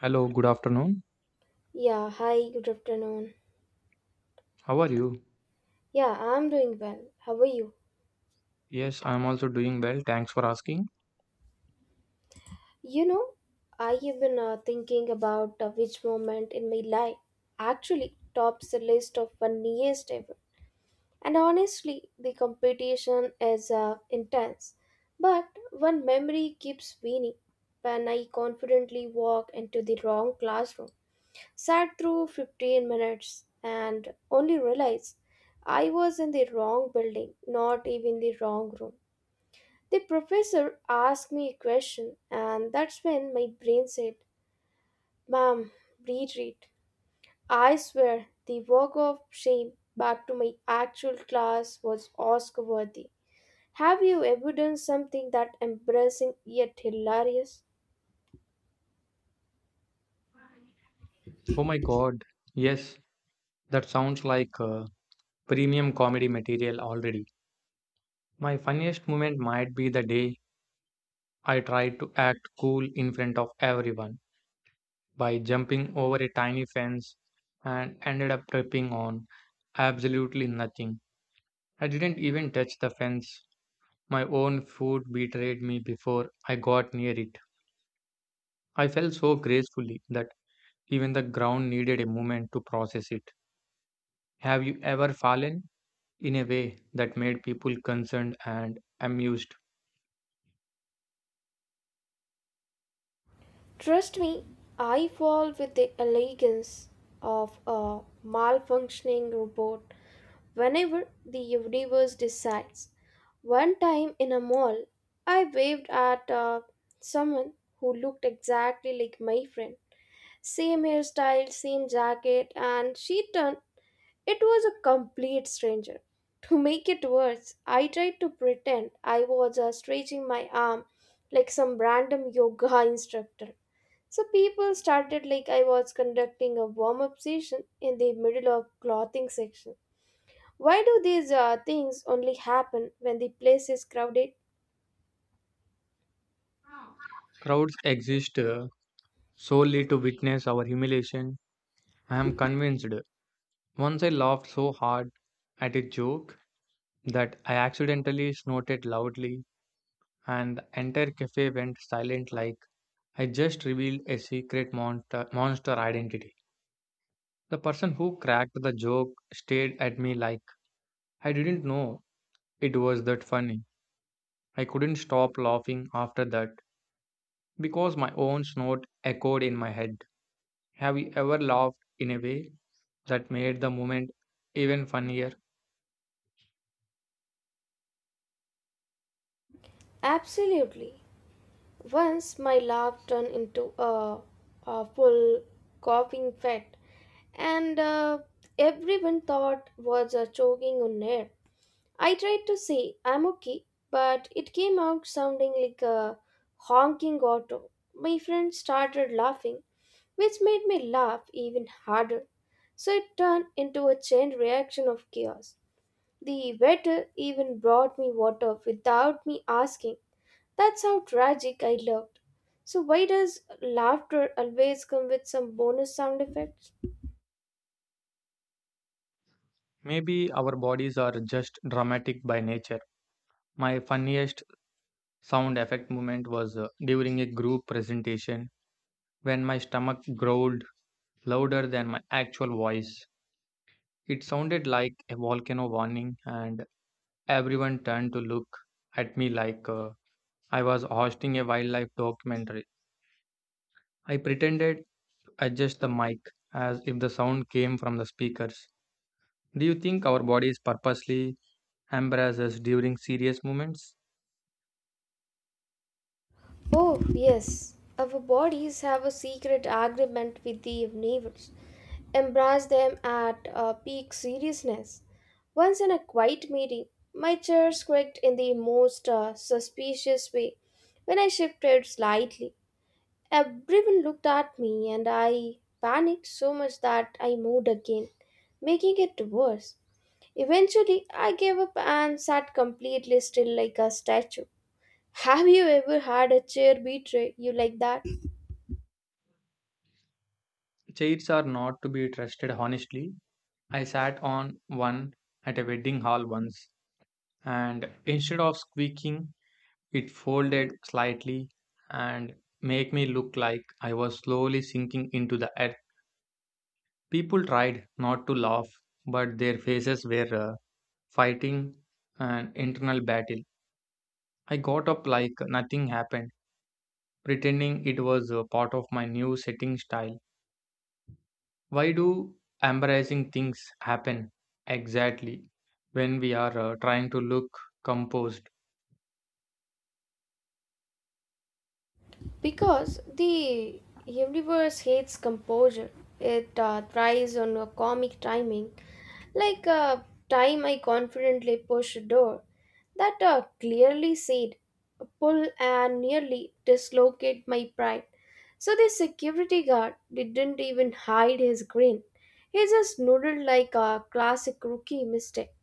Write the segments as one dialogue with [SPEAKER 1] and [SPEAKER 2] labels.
[SPEAKER 1] Hello, good afternoon.
[SPEAKER 2] Yeah, hi, good afternoon.
[SPEAKER 1] How are you?
[SPEAKER 2] Yeah, I'm doing well. How are you?
[SPEAKER 1] Yes, I'm also doing well. Thanks for asking.
[SPEAKER 2] You know, I have been thinking about which moment in my life actually tops the list of funniest ever. And honestly, the competition is intense. But one memory keeps winning when I confidently walk into the wrong classroom, sat through 15 minutes, and only realized I was in the wrong building, not even the wrong room. The professor asked me a question, and that's when my brain said, "Ma'am, retreat." I swear the walk of shame back to my actual class was Oscar worthy. Have you ever done something that embarrassing yet hilarious?
[SPEAKER 1] Oh my God. Yes, that sounds like premium comedy material already. My funniest moment might be the day I tried to act cool in front of everyone, by jumping over a tiny fence and ended up tripping on absolutely nothing. I didn't even touch the fence. My own foot betrayed me before I got near it. I felt so gracefully that even the ground needed a moment to process it. Have you ever fallen in a way that made people concerned and amused?
[SPEAKER 2] Trust me, I fall with the elegance of a malfunctioning robot whenever the universe decides. One time in a mall, I waved at someone who looked exactly like my friend. Same hairstyle, same jacket, and she turned. It was a complete stranger. To make it worse, I tried to pretend I was stretching my arm like some random yoga instructor. So people started like I was conducting a warm up session in the middle of clothing section. Why do these things only happen when the place is crowded?
[SPEAKER 1] Crowds exist solely to witness our humiliation. I am convinced. Once I laughed so hard at a joke that I accidentally snorted loudly, and the entire cafe went silent like I just revealed a secret monster identity. The person who cracked the joke stared at me like I didn't know it was that funny. I couldn't stop laughing after that because my own snort echoed in my head. Have you ever laughed in a way that made the moment even funnier?
[SPEAKER 2] Absolutely. Once my laugh turned into a full coughing fit, and everyone thought was choking on air. I tried to say I'm okay, but it came out sounding like a honking auto. My friend started laughing, which made me laugh even harder. So it turned into a chain reaction of chaos. The waiter even brought me water without me asking that's how tragic I looked. So, why does laughter always come with some bonus sound effects?
[SPEAKER 1] Maybe our bodies are just dramatic by nature. My funniest sound effect moment was during a group presentation when my stomach growled louder than my actual voice. It sounded like a volcano warning, and everyone turned to look at me like I was hosting a wildlife documentary. I pretended to adjust the mic as if the sound came from the speakers. Do you think our bodies purposely embarrass us during serious moments?
[SPEAKER 2] Oh, yes. Our bodies have a secret agreement with the neighbors. Embrace them at peak seriousness. Once in a quiet meeting, my chair squeaked in the most suspicious way. When I shifted slightly, everyone looked at me and I panicked so much that I moved again, making it worse. Eventually, I gave up and sat completely still like a statue. Have you ever had a chair betray you like that?
[SPEAKER 1] Chairs are not to be trusted honestly. I sat on one at a wedding hall once, and instead of squeaking, it folded slightly and made me look like I was slowly sinking into the earth. People tried not to laugh, but their faces were fighting an internal battle. I got up like nothing happened, pretending it was a part of my new setting style. Why do embarrassing things happen exactly when we are trying to look composed
[SPEAKER 2] Because the universe hates composure. It thrives on a comic timing, like a time I confidently push a door that clearly said pull and nearly dislocate my pride. So the security guard didn't even hide his grin. He just nodded like a classic rookie mistake.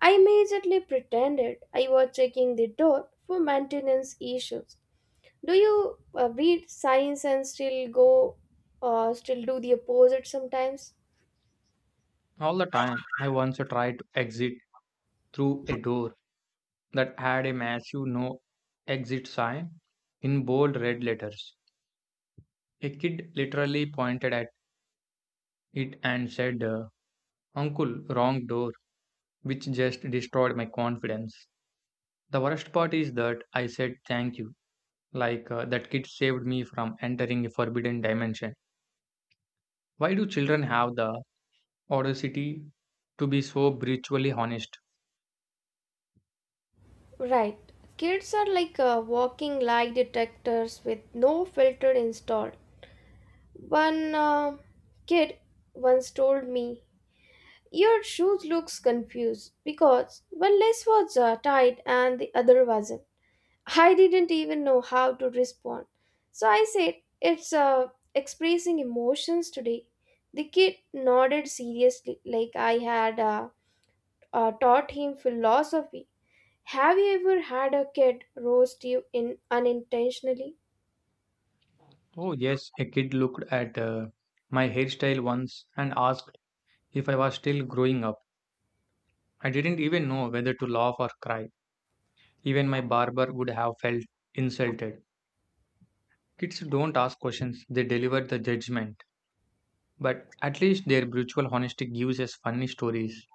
[SPEAKER 2] I immediately pretended I was checking the door for maintenance issues do you read science and still still do the opposite sometimes?
[SPEAKER 1] all the time? I once tried to exit through a door that had a massive no exit sign in bold red letters. A kid literally pointed at it and said, Uncle, wrong door, which just destroyed my confidence. The worst part is that I said thank you, like that kid saved me from entering a forbidden dimension. Why do children have the audacity to be so brutally honest?
[SPEAKER 2] Right. Kids are like walking lie detectors with no filter installed. One kid once told me, "Your shoes looks confused because one lace was tied and the other wasn't." I didn't even know how to respond. So I said, "It's expressing emotions today." The kid nodded seriously, like I had taught him philosophy. Have you ever had a kid roast you in unintentionally?
[SPEAKER 1] Oh, yes, a kid looked at my hairstyle once and asked if I was still growing up. I didn't even know whether to laugh or cry. Even my barber would have felt insulted. Kids don't ask questions, they deliver the judgment. But at least their brutal honesty gives us funny stories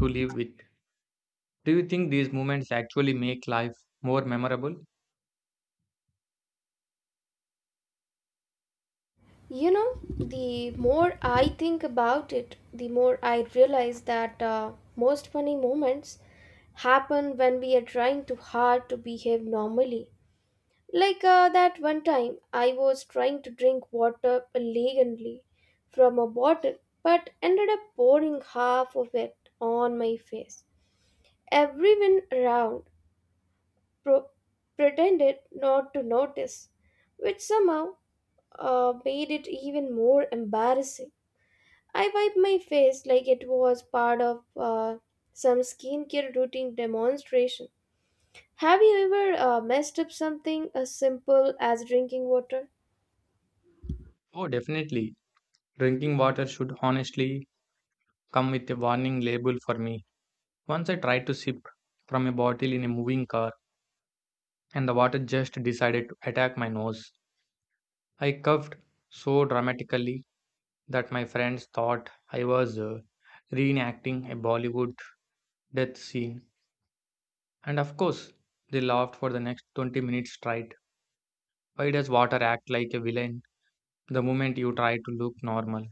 [SPEAKER 1] to live with. Do you think these moments actually make life more memorable?
[SPEAKER 2] You know, the more I think about it, the more I realize that most funny moments happen when we are trying too hard to behave normally. Like that one time, I was trying to drink water elegantly from a bottle, but ended up pouring half of it on my face. Everyone around pro- pretended not to notice, which somehow made it even more embarrassing. I wiped my face like it was part of some skincare routine demonstration. Have you ever messed up something as simple as drinking water?
[SPEAKER 1] Oh, definitely. Drinking water should honestly come with a warning label for me. Once I tried to sip from a bottle in a moving car, and the water just decided to attack my nose. I coughed so dramatically that my friends thought I was reenacting a Bollywood death scene. And of course, they laughed for the next 20 minutes straight. Why does water act like a villain the moment you try to look normal?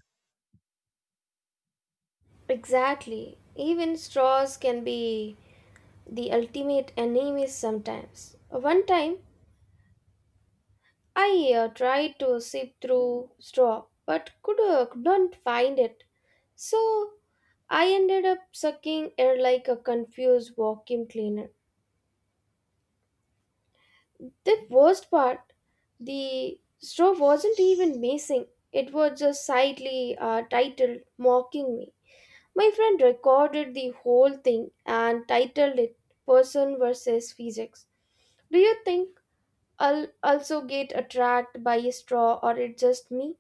[SPEAKER 2] Exactly. Even straws can be the ultimate enemies sometimes. One time, I tried to sip through straw but could not find it. So I ended up sucking air like a confused vacuum cleaner. The worst part, the straw wasn't even missing. It was just slightly titled, mocking me. My friend recorded the whole thing and titled it Person versus Physics. Do you think I'll also get attracted by a straw or it's just me?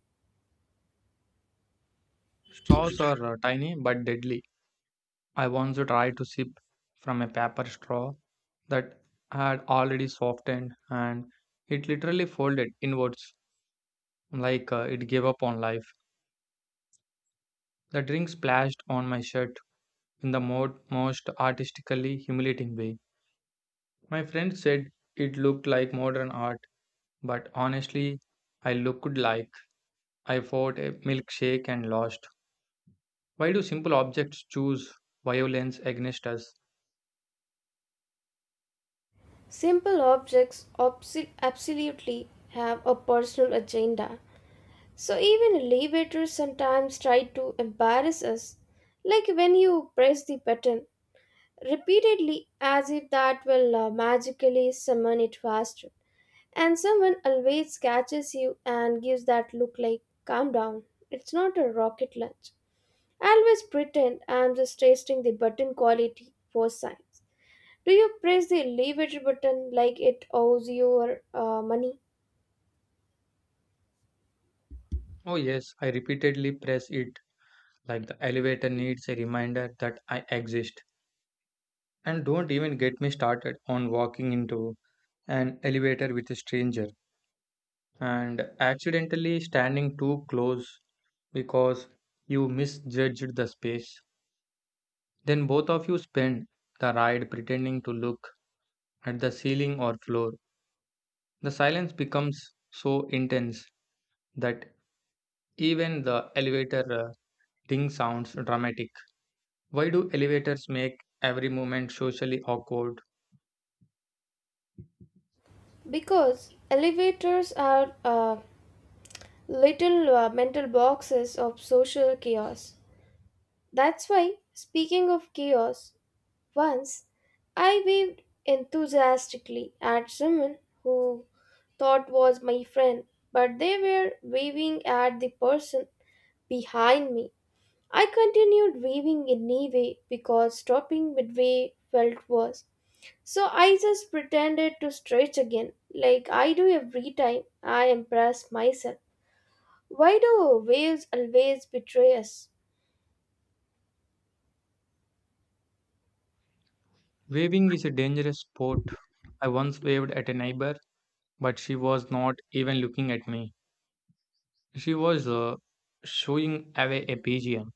[SPEAKER 1] Straws are tiny but deadly. I once tried to sip from a paper straw that had already softened, and it literally folded inwards like it gave up on life. The drink splashed on my shirt in the most artistically humiliating way. My friend said it looked like modern art, but honestly, I looked like I fought a milkshake and lost. Why do simple objects choose violence against us?
[SPEAKER 2] Simple objects absolutely have a personal agenda. So even elevators sometimes try to embarrass us, like when you press the button repeatedly as if that will magically summon it faster. And someone always catches you and gives that look like, calm down, it's not a rocket launch. I always pretend I am just testing the button quality for science. Do you press the elevator button like it owes your money?
[SPEAKER 1] Oh, yes, I repeatedly press it like the elevator needs a reminder that I exist. And don't even get me started on walking into an elevator with a stranger and accidentally standing too close because you misjudged the space. Then both of you spend the ride pretending to look at the ceiling or floor. The silence becomes so intense that even the elevator ding sounds dramatic. Why do elevators make every moment socially awkward?
[SPEAKER 2] Because elevators are little mental boxes of social chaos. That's why, speaking of chaos, once I waved enthusiastically at someone who thought was my friend, but they were waving at the person behind me. I continued weaving anyway because stopping midway felt worse. So I just pretended to stretch again, like I do every time I impress myself. Why do waves always betray us?
[SPEAKER 1] Waving is a dangerous sport. I once waved at a neighbor, but she was not even looking at me. She was showing away a pigeon.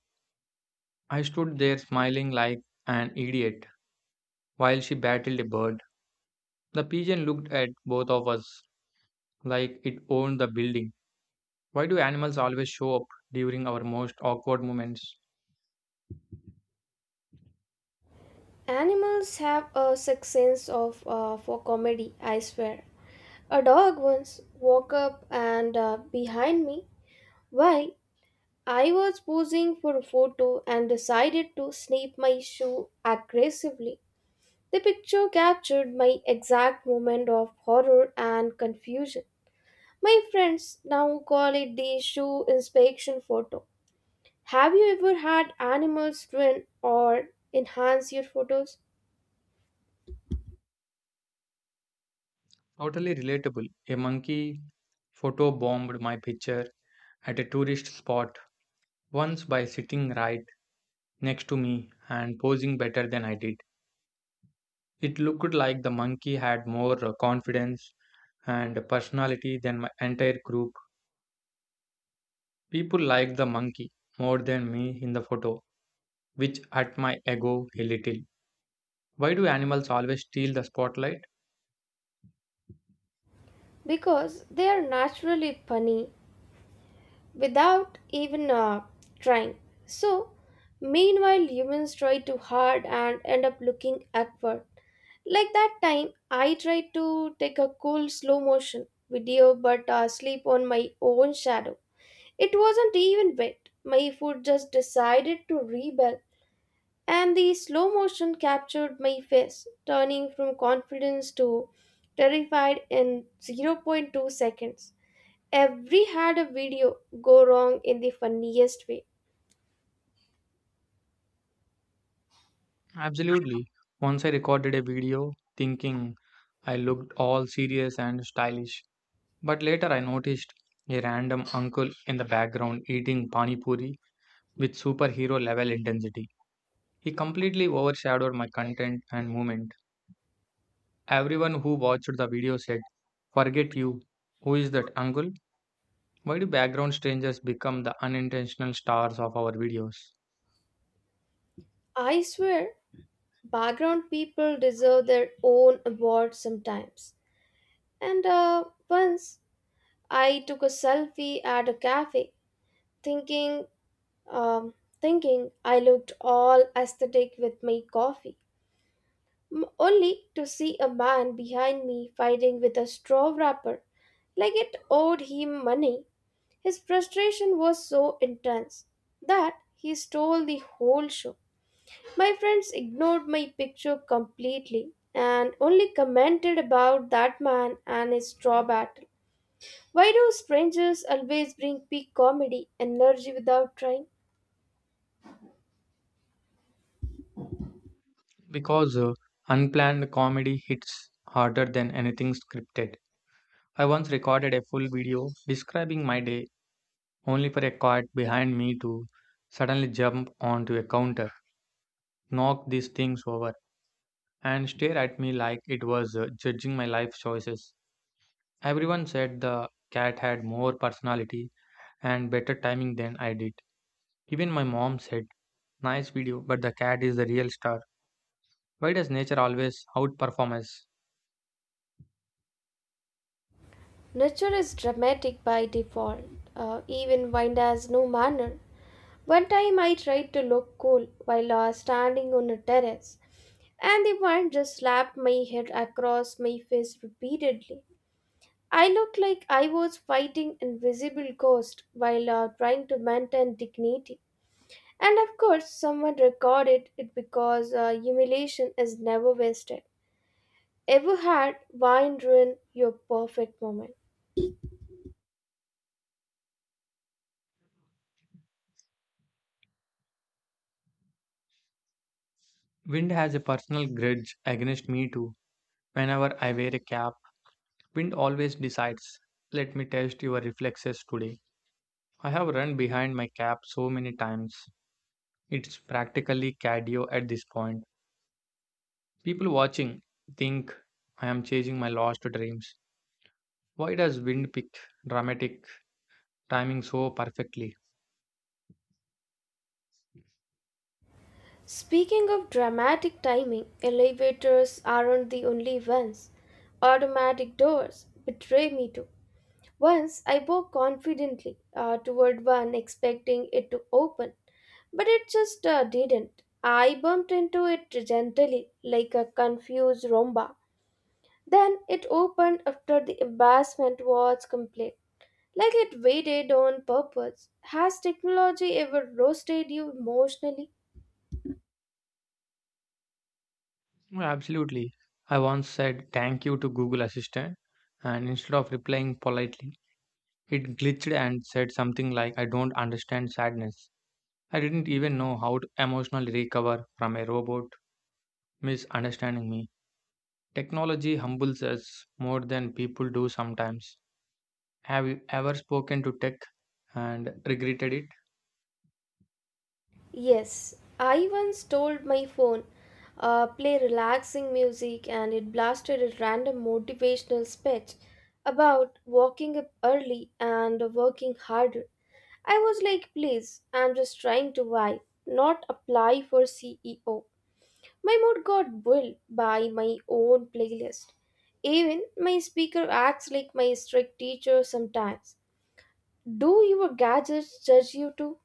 [SPEAKER 1] I stood there smiling like an idiot while she battled a bird. The pigeon looked at both of us like it owned the building. Why do animals always show up during our most awkward moments?
[SPEAKER 2] Animals have a sixth sense of for comedy, I swear. A dog once walked up and behind me while I was posing for a photo and decided to snap my shoe aggressively. The picture captured my exact moment of horror and confusion. My friends now call it the shoe inspection photo. Have you ever had animals ruin or enhance your photos?
[SPEAKER 1] Totally relatable. A monkey photo bombed my picture at a tourist spot once by sitting right next to me and posing better than I did. It looked like the monkey had more confidence and personality than my entire group. People liked the monkey more than me in the photo, which hurt my ego a little. Why do animals always steal the spotlight?
[SPEAKER 2] Because they are naturally funny without even trying. So, meanwhile, humans try too hard and end up looking awkward. Like that time, I tried to take a cool slow motion video but sleep on my own shadow. It wasn't even wet. My foot just decided to rebel, and the slow motion captured my face, turning from confidence to terrified in zero point 0.2 seconds. Every had a video go wrong in the funniest way.
[SPEAKER 1] Absolutely. Once I recorded a video thinking I looked all serious and stylish, but later I noticed a random uncle in the background eating pani puri with superhero level intensity. He completely overshadowed my content and movement. Everyone who watched the video said, "Forget you. Who is that uncle?" Why do background strangers become the unintentional stars of our videos?
[SPEAKER 2] I swear, background people deserve their own award sometimes. And once I took a selfie at a cafe, thinking, um, thinking I looked all aesthetic with my coffee, only to see a man behind me fighting with a straw wrapper, like it owed him money. His frustration was so intense that he stole the whole show. My friends ignored my picture completely and only commented about that man and his straw battle. Why do strangers always bring peak comedy energy without trying?
[SPEAKER 1] Because unplanned comedy hits harder than anything scripted. I once recorded a full video describing my day, only for a cat behind me to suddenly jump onto a counter, knock these things over, and stare at me like it was judging my life choices. Everyone said the cat had more personality and better timing than I did. Even my mom said, "Nice video, but the cat is the real star." Why does nature always outperform us?
[SPEAKER 2] Nature is dramatic by default, even when has no manner. One time I tried to look cool while standing on a terrace, and the wind just slapped my head across my face repeatedly. I looked like I was fighting invisible ghosts while trying to maintain dignity. And of course, someone recorded it because humiliation is never wasted. Ever had wine ruin your perfect moment?
[SPEAKER 1] Wind has a personal grudge against me too. Whenever I wear a cap, wind always decides, let me test your reflexes today. I have run behind my cap so many times. It's practically cardio at this point. People watching think I am chasing my lost dreams. Why does wind pick dramatic timing so perfectly?
[SPEAKER 2] Speaking of dramatic timing, elevators aren't the only ones. Automatic doors betray me too. Once I walked confidently toward one, expecting it to open, but it just didn't. I bumped into it gently, like a confused romba. Then it opened after the embarrassment was complete. Like it waited on purpose. Has technology ever roasted you emotionally?
[SPEAKER 1] Well, absolutely. I once said thank you to Google Assistant, and instead of replying politely, it glitched and said something like I don't understand sadness. I didn't even know how to emotionally recover from a robot misunderstanding me. Technology humbles us more than people do sometimes. Have you ever spoken to tech and regretted it?
[SPEAKER 2] Yes, I once told my phone, play relaxing music, and it blasted a random motivational speech about walking up early and working harder. I was like, please, I'm just trying to vibe, not apply for CEO. My mood got built by my own playlist. Even my speaker acts like my strict teacher sometimes. Do your gadgets judge you too?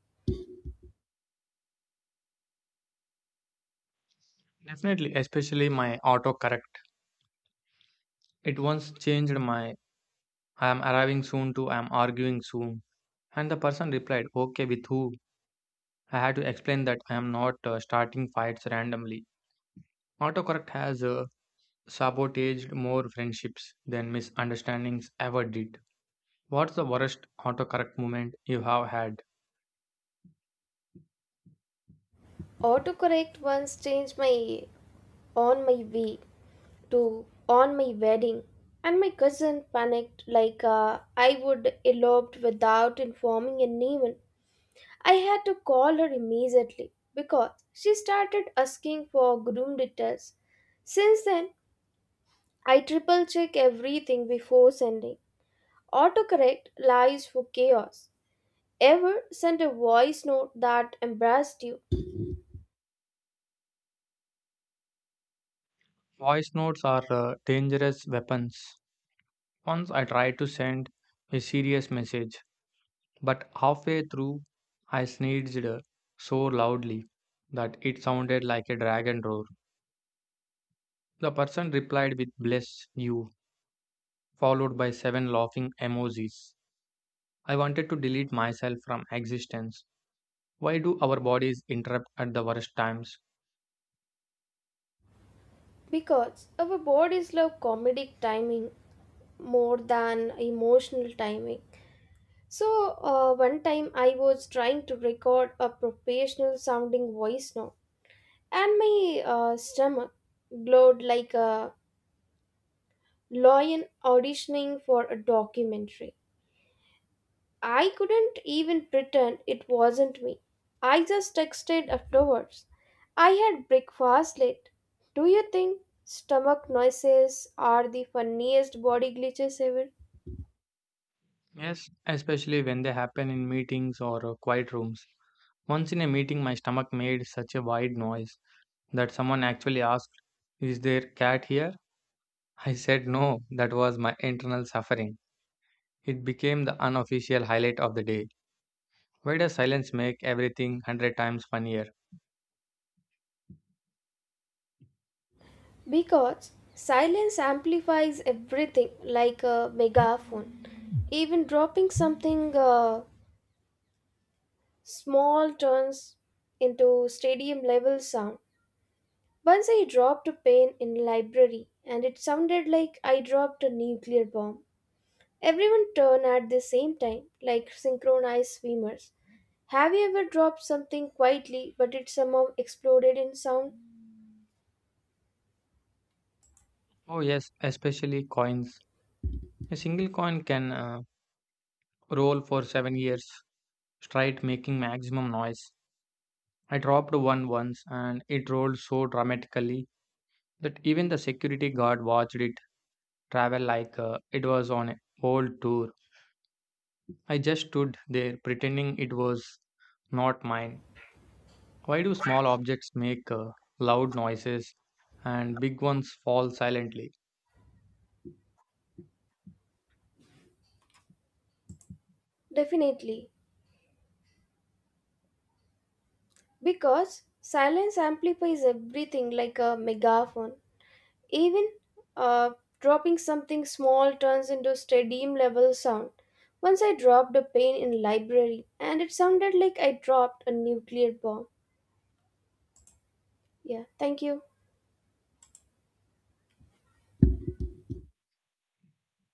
[SPEAKER 1] Definitely, especially my autocorrect. It once changed my I am arriving soon to I am arguing soon. And the person replied, Okay, with who? I had to explain that I am not starting fights randomly. Autocorrect has sabotaged more friendships than misunderstandings ever did. What's the worst autocorrect moment you have had?
[SPEAKER 2] Autocorrect once changed my on my way to on my wedding, and my cousin panicked like I would eloped without informing anyone. I had to call her immediately because she started asking for groom details. Since then, I triple check everything before sending. Autocorrect lies for chaos. Ever send a voice note that embarrassed you?
[SPEAKER 1] Voice notes are dangerous weapons. Once I tried to send a serious message, but halfway through I sneezed so loudly that it sounded like a dragon roar. The person replied with bless you, followed by 7 laughing emojis. I wanted to delete myself from existence. Why do our bodies interrupt at the worst times?
[SPEAKER 2] Because our bodies love comedic timing more than emotional timing. So, one time I was trying to record a professional sounding voice note, and my stomach glowed like a lion auditioning for a documentary. I couldn't even pretend it wasn't me. I just texted afterwards. I had breakfast late. Do you think stomach noises are the funniest body glitches ever?
[SPEAKER 1] Yes, especially when they happen in meetings or quiet rooms. Once in a meeting, my stomach made such a wide noise that someone actually asked, Is there cat here? I said no, that was my internal suffering. It became the unofficial highlight of the day. Why does silence make everything 100 times funnier?
[SPEAKER 2] Because silence amplifies everything like a megaphone. Even dropping something small turns into stadium level sound. Once I dropped a pen in library and it sounded like I dropped a nuclear bomb. Everyone turned at the same time, like synchronized swimmers. Have you ever dropped something quietly, but it somehow exploded in sound?
[SPEAKER 1] Oh, yes, especially coins. A single coin can roll for 7 years straight, making maximum noise. I dropped one once, and it rolled so dramatically that even the security guard watched it travel like it was on a old tour. I just stood there pretending it was not mine. Why do small objects make loud noises and big ones fall silently?
[SPEAKER 2] Definitely, because silence amplifies everything like a megaphone. Even uh, dropping something small turns into stadium level sound. Once I dropped a pen in library, and it sounded like I dropped a nuclear bomb. Yeah, thank you.